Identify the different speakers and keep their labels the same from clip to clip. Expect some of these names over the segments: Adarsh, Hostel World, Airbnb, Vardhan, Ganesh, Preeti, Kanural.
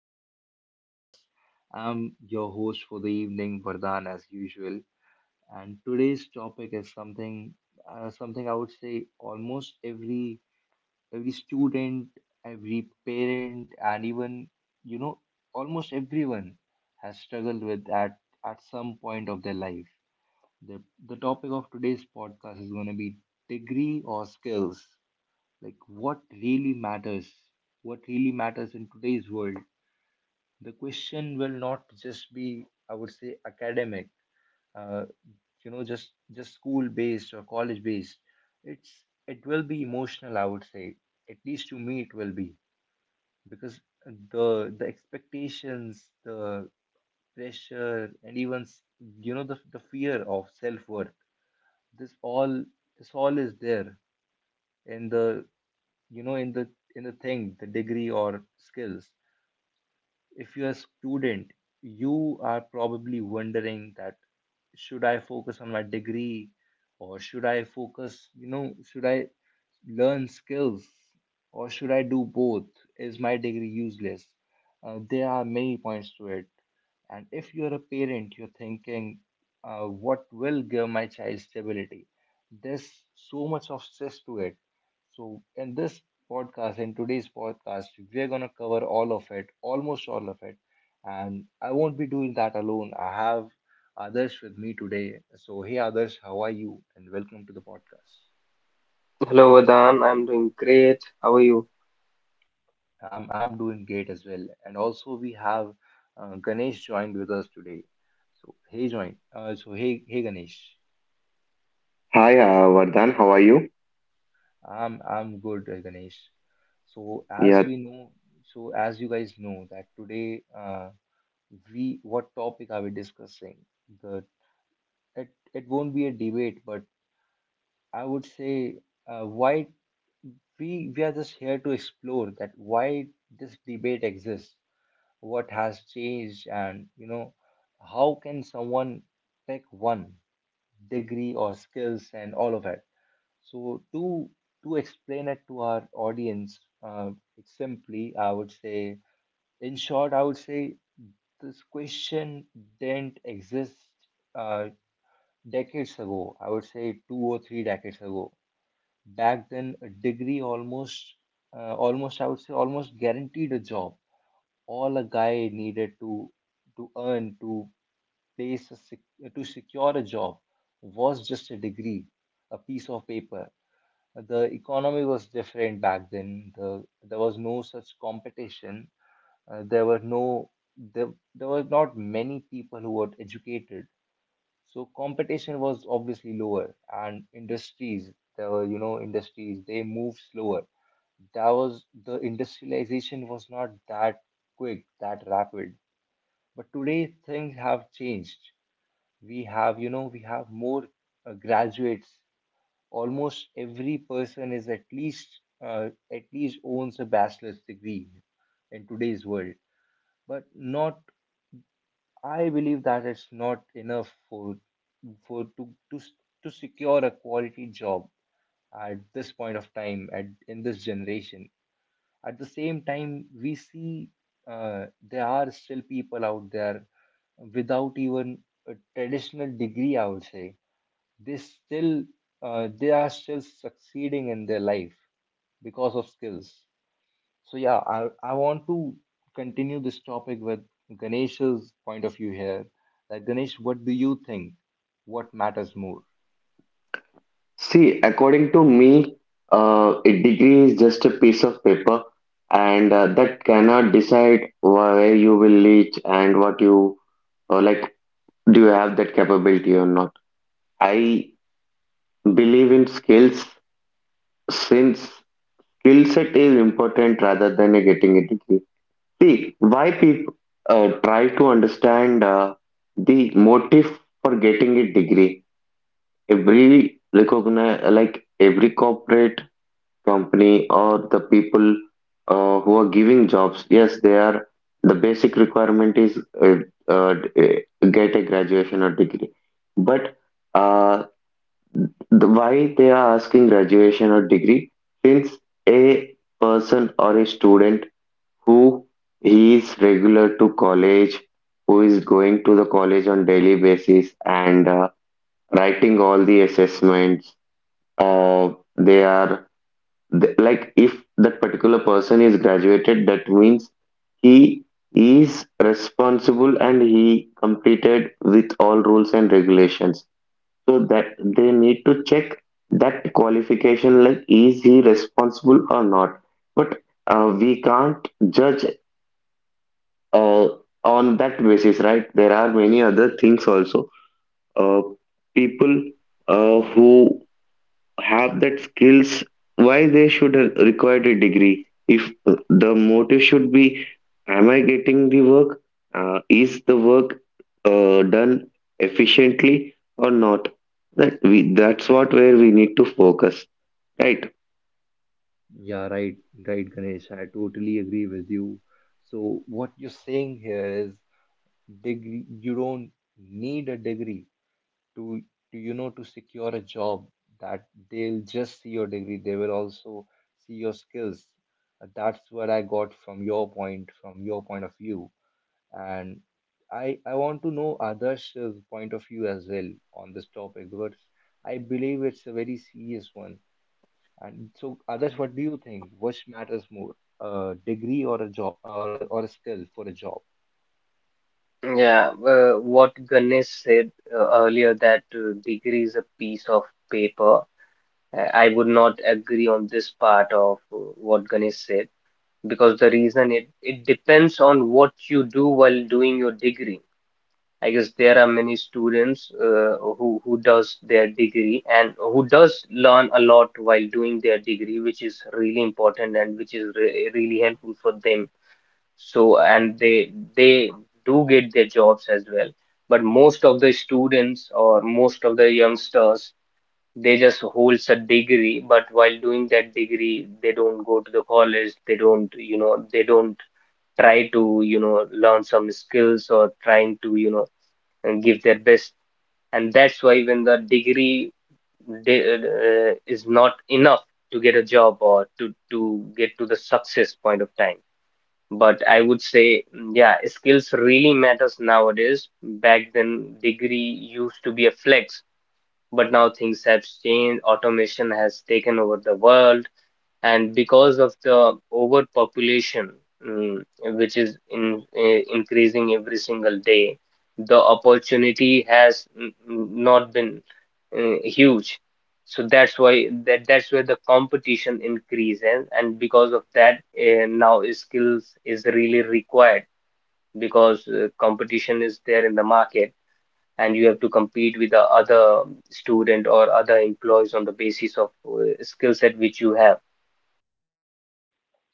Speaker 1: back to the podcast. I'm your host for the evening, Vardhan, as usual. And today's topic is something I would say almost every student, every parent, and even you know almost everyone has struggled with at some point of their life. The topic of today's podcast is going to be degree or skills, like what really matters, what really matters in today's world. The question will not just be, I would say, academic, uh, you know, just school based or college based. It will be emotional, I would say. At least to me it will be, because the the expectations, the pressure, and even the fear of self-worth, this all this all is there in the in the in the thing, the degree or skills. If you're a student, you are probably wondering that should I focus on my degree, or should I focus, should I learn skills, or should I do both? Is my degree useless? There are many points to it. And if you're a parent, you're thinking, what will give my child stability? There's so much of stress to it. So, in this podcast, in today's podcast, we're gonna cover all of it, almost all of it. And I won't be doing that alone. I have others with me today. So, hey, others, how are you? And welcome to the podcast.
Speaker 2: Hello, Vadan. I'm doing great. How are you?
Speaker 1: I'm doing great as well. And also, we have Ganesh joined with us today. So, hey, join. Hey, Ganesh.
Speaker 3: Hi, Vardhan, how are you?
Speaker 1: I'm good, Ganesh. So as
Speaker 3: Yeah,
Speaker 1: we know, so as you guys know that today, we, what topic are we discussing? The It won't be a debate, but I would say, why we are just here to explore that why this debate exists, what has changed, and you know how can someone take one, degree or skills and all of that. So to explain it to our audience, simply, I would say, in short, I would say, this question didn't exist, uh, decades ago, I would say two or three decades ago. Back then, a degree almost, almost, I would say, almost guaranteed a job. All a guy needed to earn to secure a job was just a degree, a piece of paper. The economy was different back then. There was no such competition. Uh, there were no there, there were not many people who were educated, so competition was obviously lower, and industries, the you know, industries, they moved slower. That was the industrialization was not that quick, that rapid. But today things have changed. We have, you know, we have more graduates. Almost every person is at least owns a bachelor's degree in today's world. But not, I believe that it's not enough for for to to to secure a quality job at this point of time, at in this generation. At the same time, we see, there are still people out there without even a traditional degree. I would say they still, they are still succeeding in their life because of skills. So yeah, I want to continue this topic with Ganesh's point of view here. Like Ganesh, what do you think? What matters more?
Speaker 3: see, according to me, a degree is just a piece of paper, and that cannot decide where you will reach and what you like. Do you have that capability or not? I believe in skills since skill set is important rather than a getting a degree. See, why people try to understand the motive for getting a degree? Every recognize like every corporate company or the people who are giving jobs, yes, they are the basic requirement is uh, get a graduation or degree. But uh, the, why they are asking graduation or degree, since a person or a student who he is regular to college, who is going to the college on daily basis, and writing all the assessments, uh, they are th like if that particular person is graduated, that means he is responsible and he completed with all rules and regulations. So that they need to check that qualification, like is he responsible or not? But we can't judge uh, on that basis, right? There are many other things also. Uh, People who have that skills, why they should require a degree if the motive should be am I getting the work, is the work done efficiently or not? That's what where we need to focus, right?
Speaker 1: Yeah, right, right, Ganesh. I totally agree with you. So what you're saying here is, degree, you don't need a degree to you know, to secure a job, that they'll just see your degree, they will also see your skills. That's what I got from your point of view. And I want to know others' point of view as well on this topic, because I believe it's a very serious one. And so, others, what do you think? Which matters more, a degree or a job, or or a skill for a job?
Speaker 2: Yeah, what Ganesh said earlier that degree is a piece of paper. I would not agree on this part of what Ganesh said because the reason it depends on what you do while doing your degree. I guess there are many students who does their degree and who does learn a lot while doing their degree, which is really important and which is re really helpful for them, so and they do get their jobs as well, but most of the students or most of the youngsters, they just holds a degree, but while doing that degree they don't go to the college, they don't, they don't try to, learn some skills or trying to, and give their best. And that's why when the degree de is not enough to get a job or to get to the success point of time. But I would say, yeah, skills really matters nowadays. Back then, degree used to be a flex, but now things have changed. Automation has taken over the world, and because of the overpopulation, mm, which is increasing every single day, the opportunity has not been huge. So that's why that's where the competition increases, and because of that, now skills is really required because competition is there in the market, and you have to compete with the other student or other employees on the basis of skill set which you have.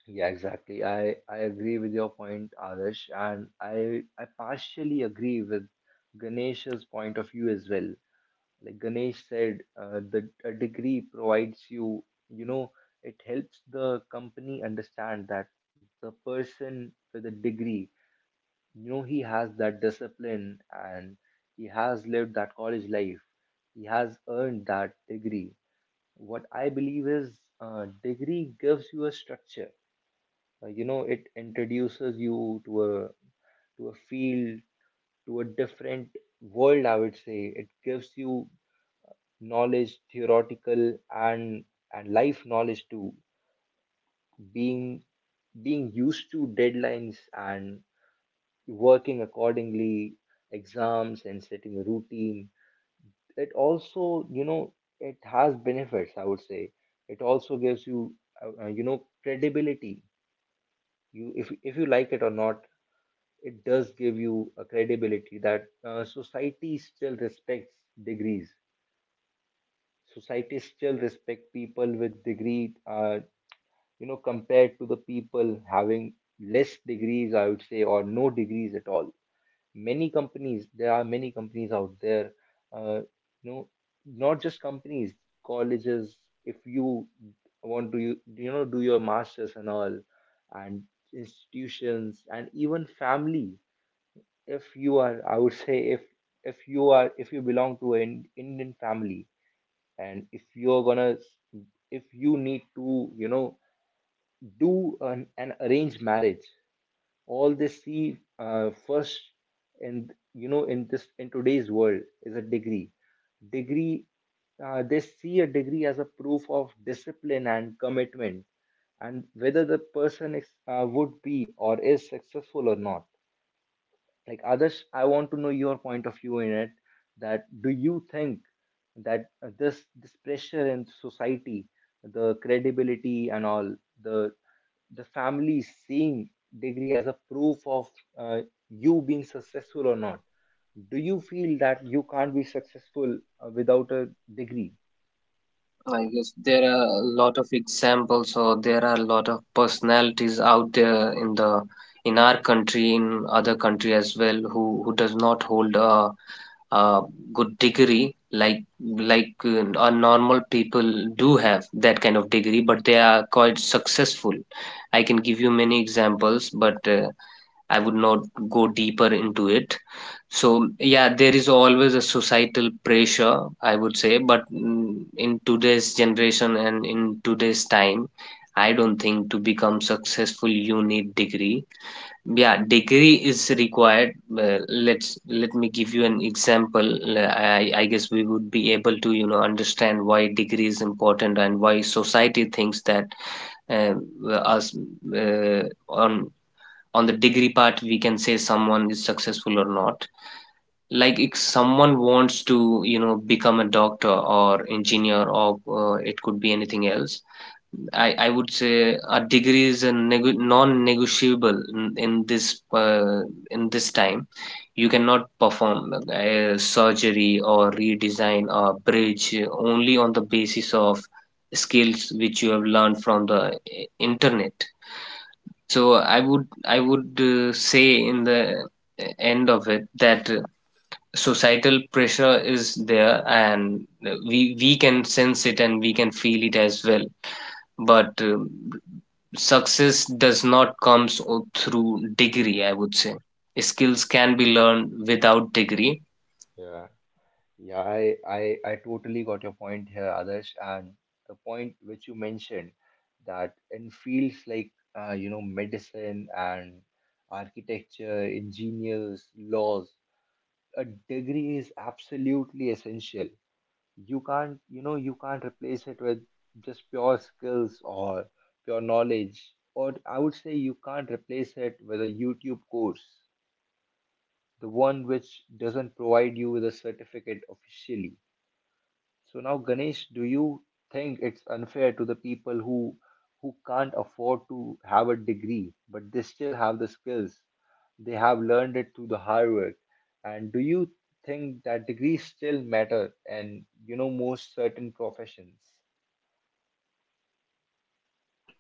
Speaker 1: Yeah, exactly. I agree with your point, Adarsh, and I partially agree with Ganesh's point of view as well. Like Ganesh said, the a degree provides you, you know, it helps the company understand that the person with a degree, you know, he has that discipline and he has lived that college life, he has earned that degree. What I believe is, degree gives you a structure. You know, it introduces you to a, to a field, to a different world, I would say. It gives you knowledge, theoretical, and life knowledge too. Being, being used to deadlines and working accordingly, exams and setting a routine. It also, you know, it has benefits, I would say. It also gives you you know, credibility. You, if you like it or not, it does give you a credibility that, society still respects degrees. Society still respect people with degree, you know, compared to the people having less degrees, I would say, or no degrees at all. Many companies, there are many companies out there, uh, you know, not just companies, colleges. If you want to, you know, do your masters and all, and institutions and even family. If you are, I would say, if you are, if you belong to an Indian family, and if you're gonna, if you need to, you know, do an arranged marriage, all they see, first in, you know, in this in today's world is a degree. degree they see a degree as a proof of discipline and commitment and whether the person is, would be, or is successful or not. Like others, I want to know your point of view in it, that do you think that, this pressure in society, the credibility and all, the the family seeing degree as a proof of, uh, you being successful or not. Do you feel that you can't be successful, without a degree?
Speaker 2: I guess there are a lot of examples, or there are a lot of personalities out there in the, in our country, in other country as well, who does not hold a good degree, like a normal people do have that kind of degree, but they are quite successful. I can give you many examples, but I would not go deeper into it. So, yeah, there is always a societal pressure, I would say, but in today's generation and in today's time, I don't think to become successful you need degree. Yeah, degree is required. Let me give you an example. I guess we would be able to, you know, understand why degree is important and why society thinks that us uh, on on the degree part we can say someone is successful or not. Like if someone wants to, you know, become a doctor or engineer, or it could be anything else, I would say a degree is a non-negotiable in this time. You cannot perform surgery or redesign a bridge only on the basis of skills which you have learned from the internet. So I would, say in the end of it that societal pressure is there, and we can sense it and we can feel it as well. But success does not come through degree, I would say. Skills can be learned without degree.
Speaker 1: Yeah, yeah, I totally got your point here, Adarsh, and the point which you mentioned, that in fields like, you know, medicine and architecture, engineers, laws, a degree is absolutely essential. You can't, you know, you can't replace it with just pure skills or pure knowledge, or I would say you can't replace it with a YouTube course, the one which doesn't provide you with a certificate officially. So now, Ganesh, do you think it's unfair to the people who can't afford to have a degree, but they still have the skills? They have learned it through the hard work. And do you think that degrees still matter and you know most certain professions?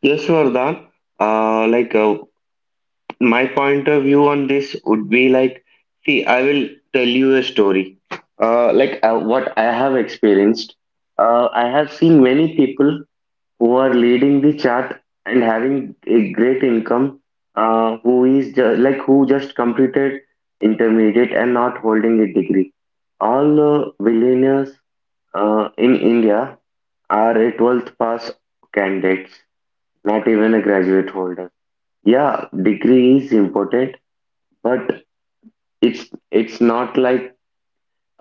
Speaker 3: Yes, Vardhan, like my point of view on this would be like, see, I will tell you a story, like what I have experienced. I have seen many people who are leading the chart and having a great income, who is like who just completed intermediate and not holding a degree. All billionaires in India are a 12th pass candidates, not even a graduate holder. Yeah, degree is important, but it's it's not like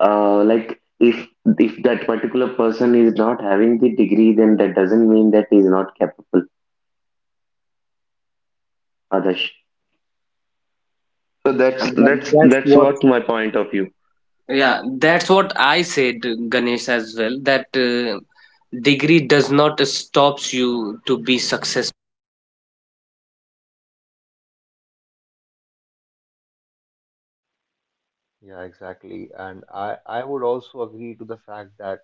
Speaker 3: like if that particular person is not having the degree, then that doesn't mean that he is not capable. Others. So that's
Speaker 2: Yeah, that,
Speaker 3: that's
Speaker 2: that's
Speaker 3: that's
Speaker 2: what.
Speaker 3: what my point of view.
Speaker 2: Yeah, that's what I said, Ganesh, as well. That degree does not stops you to be successful.
Speaker 1: Yeah, exactly. And I would also agree to the fact that,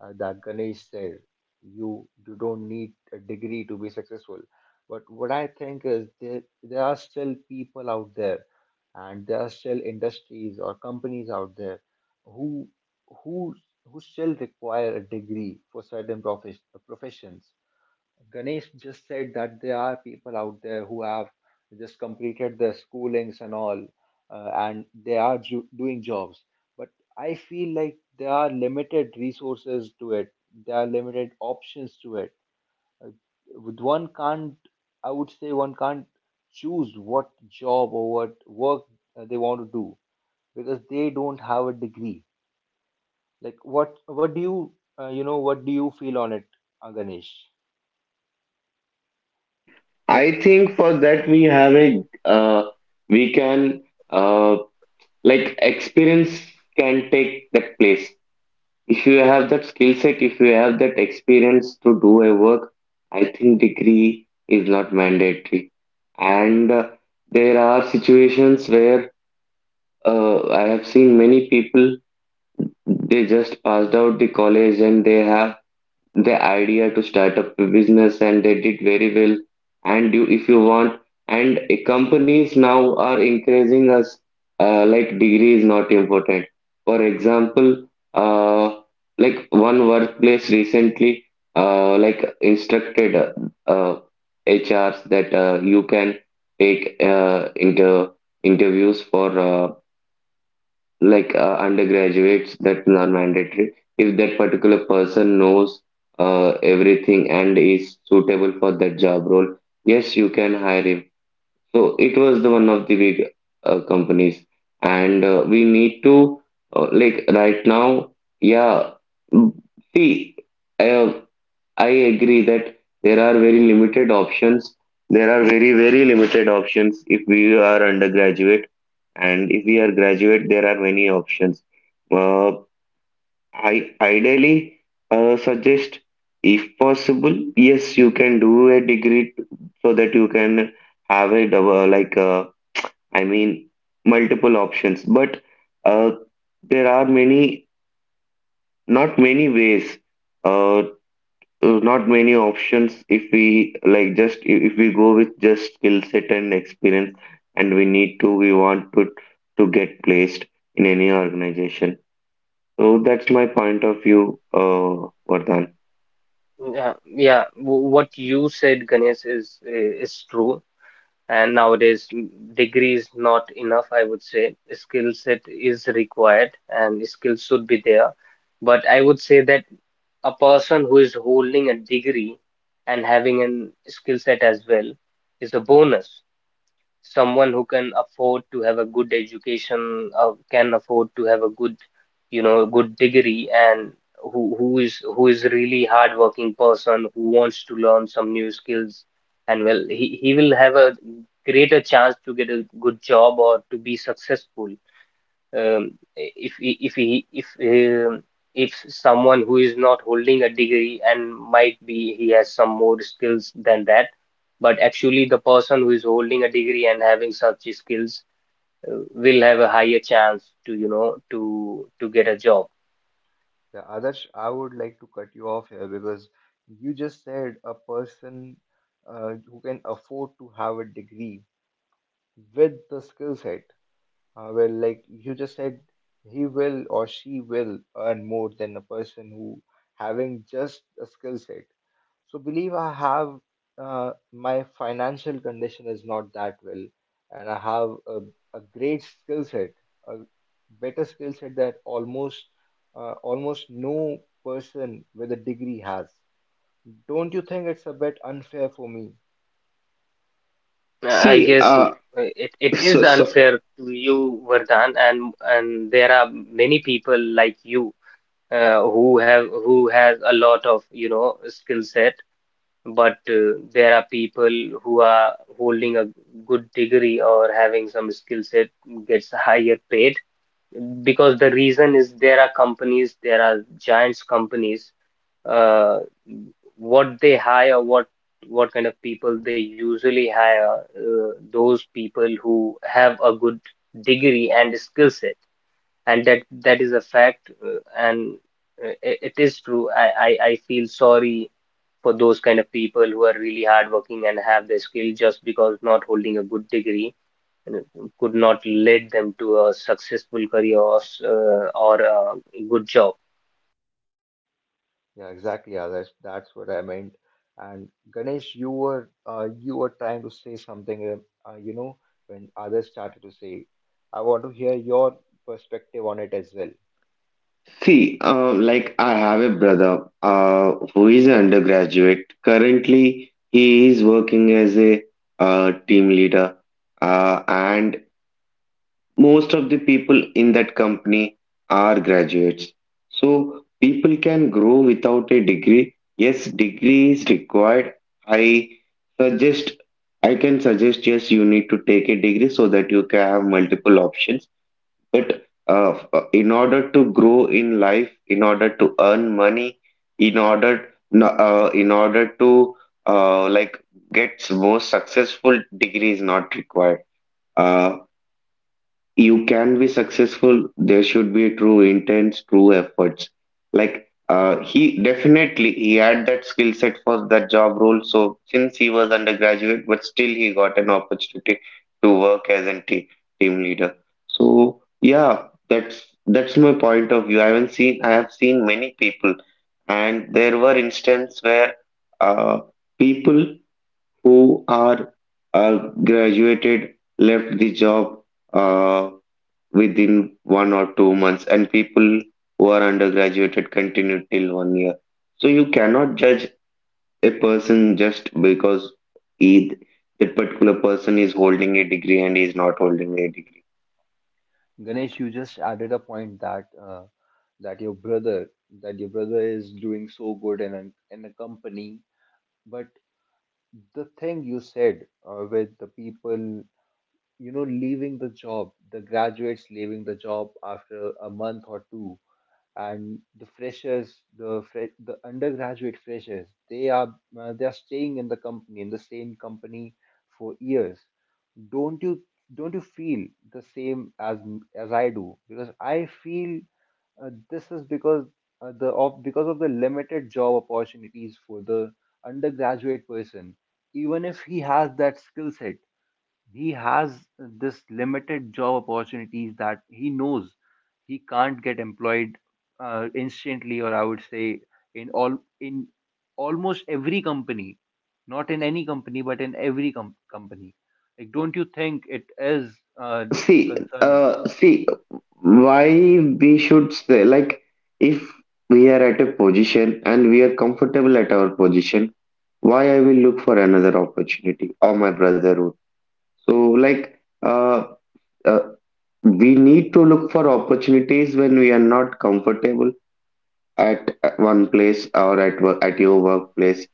Speaker 1: that Ganesh said, you don't need a degree to be successful. But what I think is, there are still people out there, and there are still industries or companies out there, who who who still require a degree for certain professions. Ganesh just said that there are people out there who have just completed their schoolings and all, and they are doing jobs. But I feel like there are limited resources to it. There are limited options to it. Uh, with one can't, I would say, one can't choose what job or what work they want to do, because they don't have a degree. Like what? What do you, you know, what do you feel on it, Ganesh?
Speaker 3: See, I think for that we have a uh, we can uh, like experience can take that place. If you have that skill set, if you have that experience to do a work, I think degree is not mandatory. And there are situations where I have seen many people, they just passed out the college and they have the idea to start up a business and they did very well. And you if you want, and companies now are encouraging us, like degree is not important. For example, uh, like one workplace recently like instructed uh, HRs that you can take interviews for undergraduates that are mandatory. If that particular person knows everything and is suitable for that job role, yes, you can hire him. So it was the one of the big companies. And we need to like right now, yeah. mm, See, uh, I agree that there are very limited options, there are very limited options if we are undergraduate, and if we are graduate there are many options. uh, I Ideally, suggest if possible, yes, you can do a degree so that you can have a double, like I mean, multiple options. But uh, there are many not many ways, uh, not many options if we like just if we go with just skill set and experience, and we want to get placed in any organization. So that's my point of view, Vardhan.
Speaker 2: Yeah, yeah. What you said, Ganesh, is true. And nowadays, degree is not enough, I would say. Skill set required, and skills should be there. But I would say that a person who is holding a degree and having an skill set as well is a bonus. Someone who can afford to have a good education, can afford to have a good, you know, good degree, and who who is really hardworking person who wants to learn some new skills, and well, he will have a greater chance to get a good job or to be successful. Um, if he- if he if If someone who is not holding a degree and might be he has some more skills than that, but actually the person who is holding a degree and having such skills will have a higher chance to, you know, to get a job.
Speaker 1: The Adarsh, I would like to cut you off here, because you just said a person, who can afford to have a degree with the skill set, well, like you just said, he will or she will earn more than a person who having just a skill set. So believe, I have, my financial condition is not that well, and I have a great skill set, a better skill set, that almost, almost no person with a degree has. Don't you think it's a bit unfair for me?
Speaker 2: I
Speaker 3: See,
Speaker 2: guess, it, it
Speaker 3: so,
Speaker 2: is
Speaker 3: so
Speaker 2: unfair to you, Vardhan, and there are many people like you who has a lot of, you know, skill set, but there are people who are holding a good degree or having some skill set gets higher paid, because the reason is there are companies, there are giants companies, uh, what they hire, what kind of people they usually hire, those people who have a good degree and skill set, and that is a fact, it is true. I feel sorry for those kind of people who are really hardworking and have the skill, just because not holding a good degree, and it could not lead them to a successful career, or, or a good job.
Speaker 1: Yeah, exactly. Yeah, that's what I meant. And Ganesh, you were, you were trying to say something, you know, when others started to say. I want to hear your perspective on it as well.
Speaker 3: see, like I have a brother, who is an undergraduate. Currently, he is working as a team leader, and most of the people in that company are graduates. So people can grow without a degree. Yes, degree is required, i suggest I can suggest. Yes, you need to take a degree so that you can have multiple options. But in order to grow in life, in order to earn money, in order no- in order to like get more successful, degree is not required. Uh, you can be successful. There should be true intents, true efforts. He definitely he had that skill set for that job role, so since he was undergraduate but still he got an opportunity to work as a team leader. So yeah, that's that's my point of view. I haven't seen I have seen many people and there were instances where uh, people who are uh, graduated left the job Uh, within 1 or 2 months, and people who are undergraduated continue till 1 year. So you cannot judge a person just because he, that particular person is holding a degree and is not holding a degree.
Speaker 1: Ganesh, you just added a point that, that your brother that your brother is doing so good in a company, but the thing you said, with the people, you know, leaving the job, the graduates leaving the job after a month or two, and the freshers, the the undergraduate freshers, they are, they are staying in the company in the same company for years. Don't you don't you feel the same as I do? Because I feel, this is because, the of because of the limited job opportunities for the undergraduate person. Even if he has that skill set, he has this limited job opportunities that he knows he can't get employed instantly, or I would say in almost every company, not in any company but in every company. Like, don't you think it is uh,
Speaker 3: See,
Speaker 1: concerning?
Speaker 3: why we should say, like, if we are at a position and we are comfortable at our position, why I will look for another opportunity or my brotherhood? So, uh, we need to look for opportunities when we are not comfortable at one place or at work, at your workplace.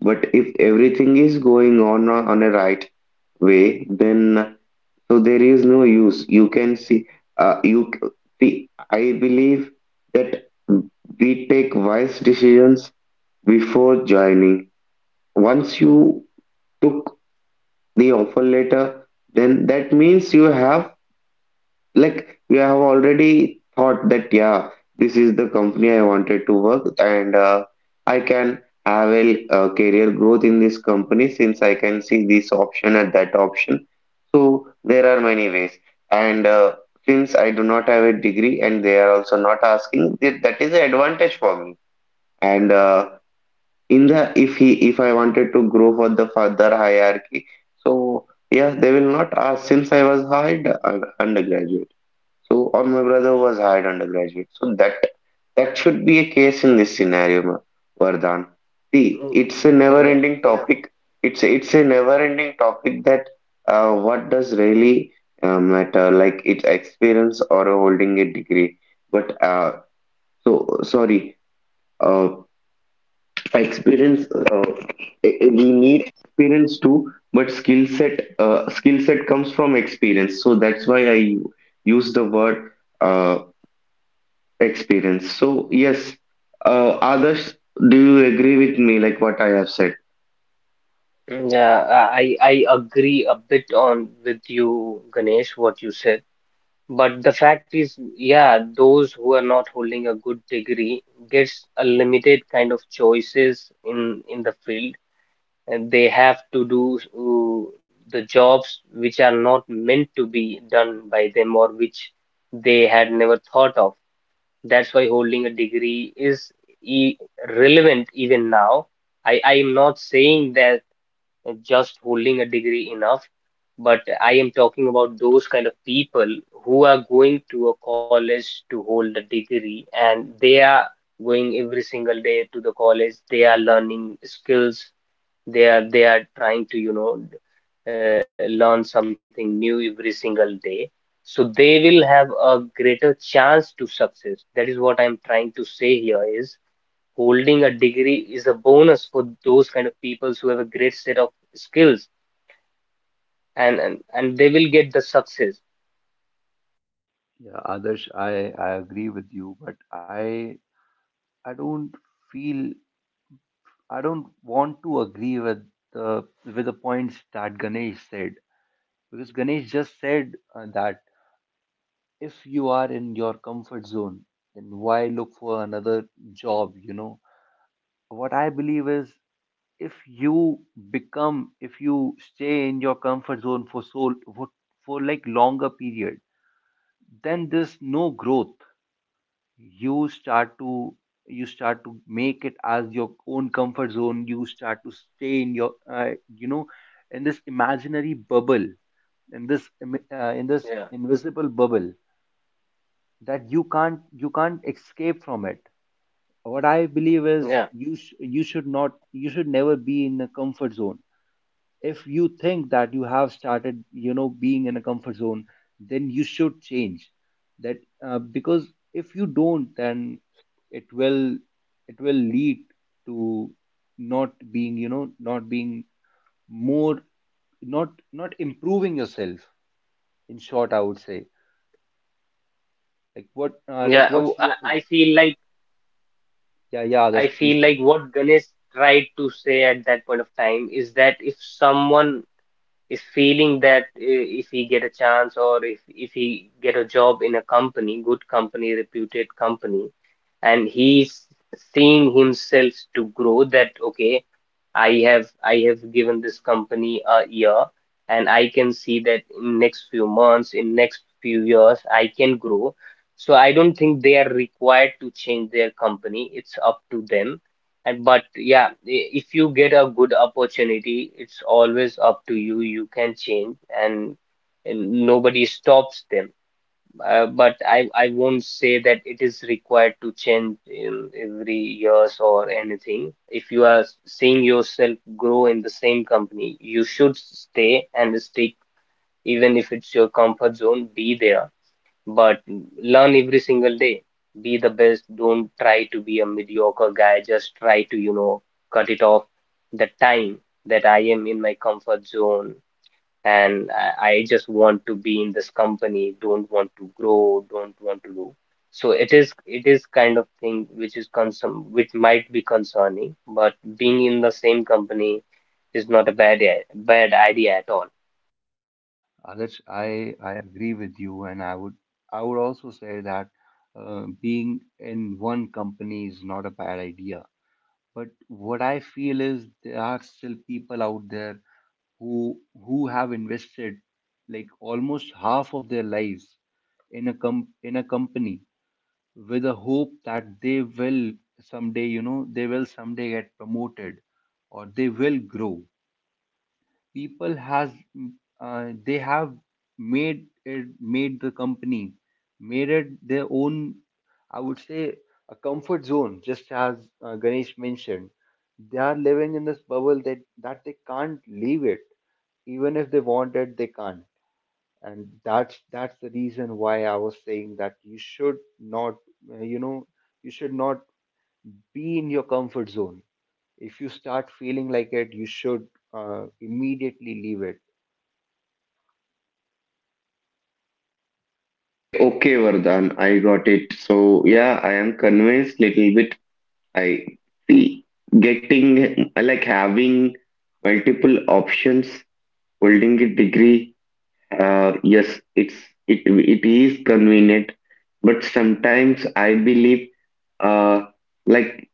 Speaker 3: But if everything is going on a right way, then so there is no use. You can see, uh, you c- see. I believe that we take wise decisions before joining. Once you took the offer letter, then that means you have we have already thought that, yeah, this is the company I wanted to work, and I can have a, uh, career growth in this company since I can see this option and that option. So there are many ways, and since I do not have a degree and they are also not asking that, that is an advantage for me. And in the if I wanted to grow for the further hierarchy, so yeah, they will not ask since I was hired undergraduate. So, or my brother was hired undergraduate. So that that should be a case in this scenario, Vardhan. See, it's a
Speaker 2: Yeah,
Speaker 3: never-ending topic. It's a never-ending topic that what does really matter, like its experience or holding a degree. But so sorry, uh, experience. We need experience too, but skill set comes from experience. So that's why I use the word uh, experience. So yes, Adarsh, do you agree with me like what I have said?
Speaker 2: yeah, I agree a bit on with you, Ganesh, what you said. But the fact is, yeah, those who are not holding a good degree gets a limited kind of choices in the field, and they have to do the jobs which are not meant to be done by them, or which they had never thought of. That's why holding a degree is e relevant even now. I am not saying that just holding a degree enough, but I am talking about those kind of people who are going to a college to hold a degree, and they are going every single day to the college. They are learning skills, they are trying to, you know, learn something new every single day, so they will have a greater chance to success. That is I am trying to say here is holding a degree is a bonus for those kind of peoples who have a great set of skills, and and they will get the success.
Speaker 1: Yeah, Adarsh, I agree with you, but I don't feel, I don't want to agree the with the points that Ganesh said, because Ganesh just said that if you are in your comfort zone, then why look for another job? You know, what I believe is, if you stay in your comfort zone for for like longer period, then there's no growth. You start to you start to make it as your own comfort zone. You start to stay in your, you know, in this imaginary bubble, in this in this
Speaker 2: Yeah,
Speaker 1: invisible bubble that you can't escape from it. What I believe is,
Speaker 2: yeah,
Speaker 1: you you should not, you should never be in a comfort zone. If you think that you have started, you know, being in a comfort zone, then you should change that. Uh, because if you don't, then it will it will lead to not being, you know, not being more, not improving yourself. In short, I would say, like what like
Speaker 2: yeah.
Speaker 1: what's your—
Speaker 2: I feel like,
Speaker 1: yeah, that's— please continue.
Speaker 2: what Ganesh tried to say at that point of time is that if someone is feeling that if he get a chance, or if he get a job in a company, good company, reputed company, and he's seeing himself to grow that, okay, I have given this company a year, and I can see that in next few months, in next few years, I can grow. So I don't think they are required to change their company. It's up to them. And but yeah, if you get a good opportunity, it's always up to you. You can change, and, and nobody stops them. But I won't say that it is required to change in every years or anything. If you are seeing yourself grow in the same company, you should stay and stick, even if it's your comfort zone, be there. But learn every single day. Be the best. Don't try to be a mediocre guy. Just try to, you know, cut it off the time that I am in my comfort zone, and I just want to be in this company, don't want to grow, don't want to do. So it is kind of thing which is concern, which might be concerning, but being in the same company is not a bad idea at all.
Speaker 1: Others, I agree with you, and I would also say that being in one company is not a bad idea. But what I feel is there are still people out there who— who have invested like almost half of their lives in a in a company with a hope that they will someday, you know, they will someday get promoted or they will grow. People has— they have made the company, made it their own, I would say, a comfort zone, just as Ganesh mentioned. They are living in this bubble that— that they can't leave it, even if they want it they can't. And that's the reason why I was saying that you should not, you know, you should not be in your comfort zone. If you start feeling like it, you should immediately leave it.
Speaker 3: Okay, okay, Vardhan, I got it. So yeah, I am convinced little bit. I see getting like having multiple options, holding a degree. Yes, it it is convenient, but sometimes I believe uh like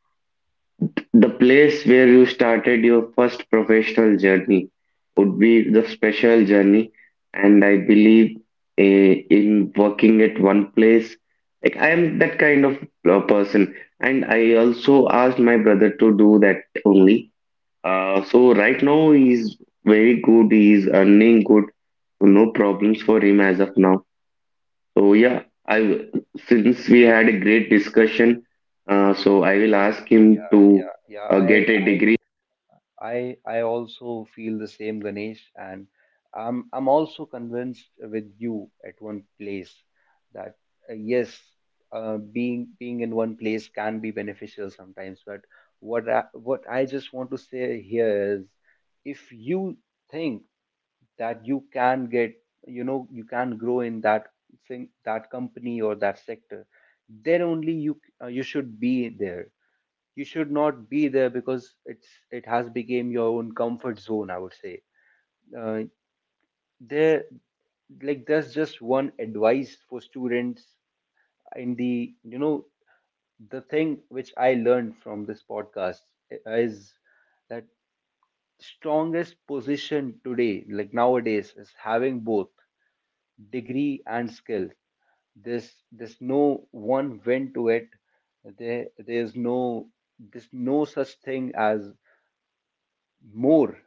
Speaker 3: the place where you started your first professional journey would be the special journey, and I believe in working at one place. Like I am that kind of person, and I also asked my brother to do that only. So right now he's very good. He's earning good, so no problems for him as of now. So yeah, I since we had a great discussion, so I will ask him
Speaker 1: Yeah,
Speaker 3: to
Speaker 1: yeah, yeah.
Speaker 3: get
Speaker 1: I,
Speaker 3: a
Speaker 1: I,
Speaker 3: degree.
Speaker 1: I, I also feel the same, Ganesh, and I'm also convinced with you at one place that, yes, being— being in one place can be beneficial sometimes. But what I just want to say here is, if you think that you can get, you know, you can grow in that thing, that company or that sector, then only you you should be there. You should not be there because it's— it has become your own comfort zone, I would say. uh, there— like, there's just one advice for students in the, you know, the thing which I learned from this podcast is that strongest position today, like nowadays, is having both degree and skill. There's no one went to it, there's no— there's no such thing as more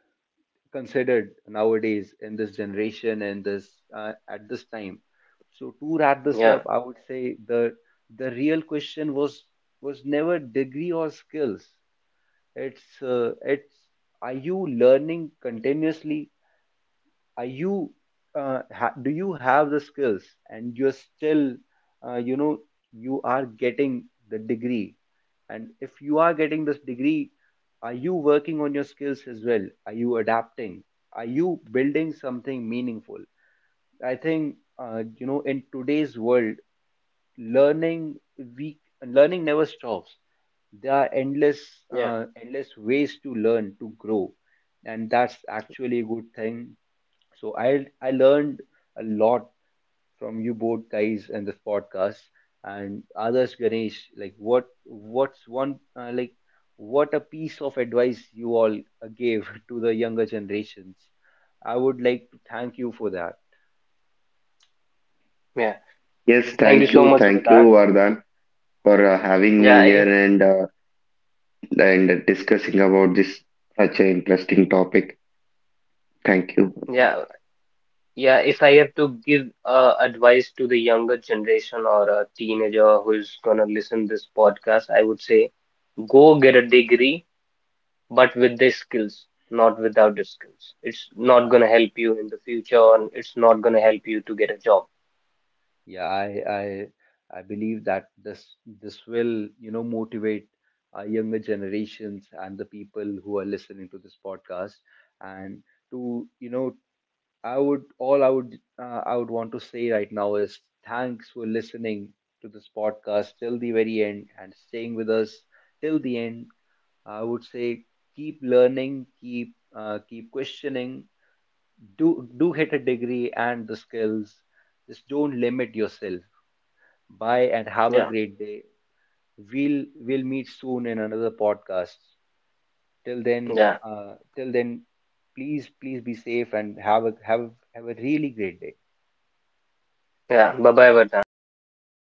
Speaker 1: considered nowadays in this generation and this, at this time. So, to wrap this
Speaker 2: Yeah,
Speaker 1: up, I would say the— the real question was— was never degree or skills. It's it's, are you learning continuously? Are you, do you have the skills and you're still, you know, you are getting the degree? And if you are getting this degree, are you working on your skills as well? Are you adapting? Are you building something meaningful? I think you know, in today's world, learning— we learning never stops. There are endless,
Speaker 2: yeah,
Speaker 1: endless ways to learn, to grow, and that's actually a good thing. So I learned a lot from you both guys in this podcast. And others, Ganesh, like, what's one, like, what a piece of advice you all gave to the younger generations, I would like to thank you for that.
Speaker 2: yeah.
Speaker 3: Yes,
Speaker 2: Thank you so much for
Speaker 3: thank you,
Speaker 2: that.
Speaker 3: Vardhan, for having
Speaker 2: Yeah,
Speaker 3: me here,
Speaker 2: if,
Speaker 3: and discussing about this such an interesting topic. Thank you.
Speaker 2: yeah, yeah. If I have to give advice to the younger generation or a teenager who is gonna listen this podcast, I would say go get a degree, but with the skills, not without the skills. It's not
Speaker 1: Yeah.
Speaker 2: gonna help you in the future, and it's not gonna help you to get a job.
Speaker 1: Yeah, I I believe that this will, you know, motivate our younger generations and the people who are listening to this podcast. And, to, you know, I would, I would want to say right now is, thanks for listening to this podcast till the very end and staying with us till the end. I would say, keep learning, keep, keep questioning, do get a degree and the skills. Just don't limit yourself. Bye, and have a
Speaker 2: Yeah,
Speaker 1: great day. We'll meet soon in another podcast. Till then,
Speaker 2: yeah,
Speaker 1: please, be safe and have a have a really great day.
Speaker 2: yeah. Bye bye, Vardhan. Take care.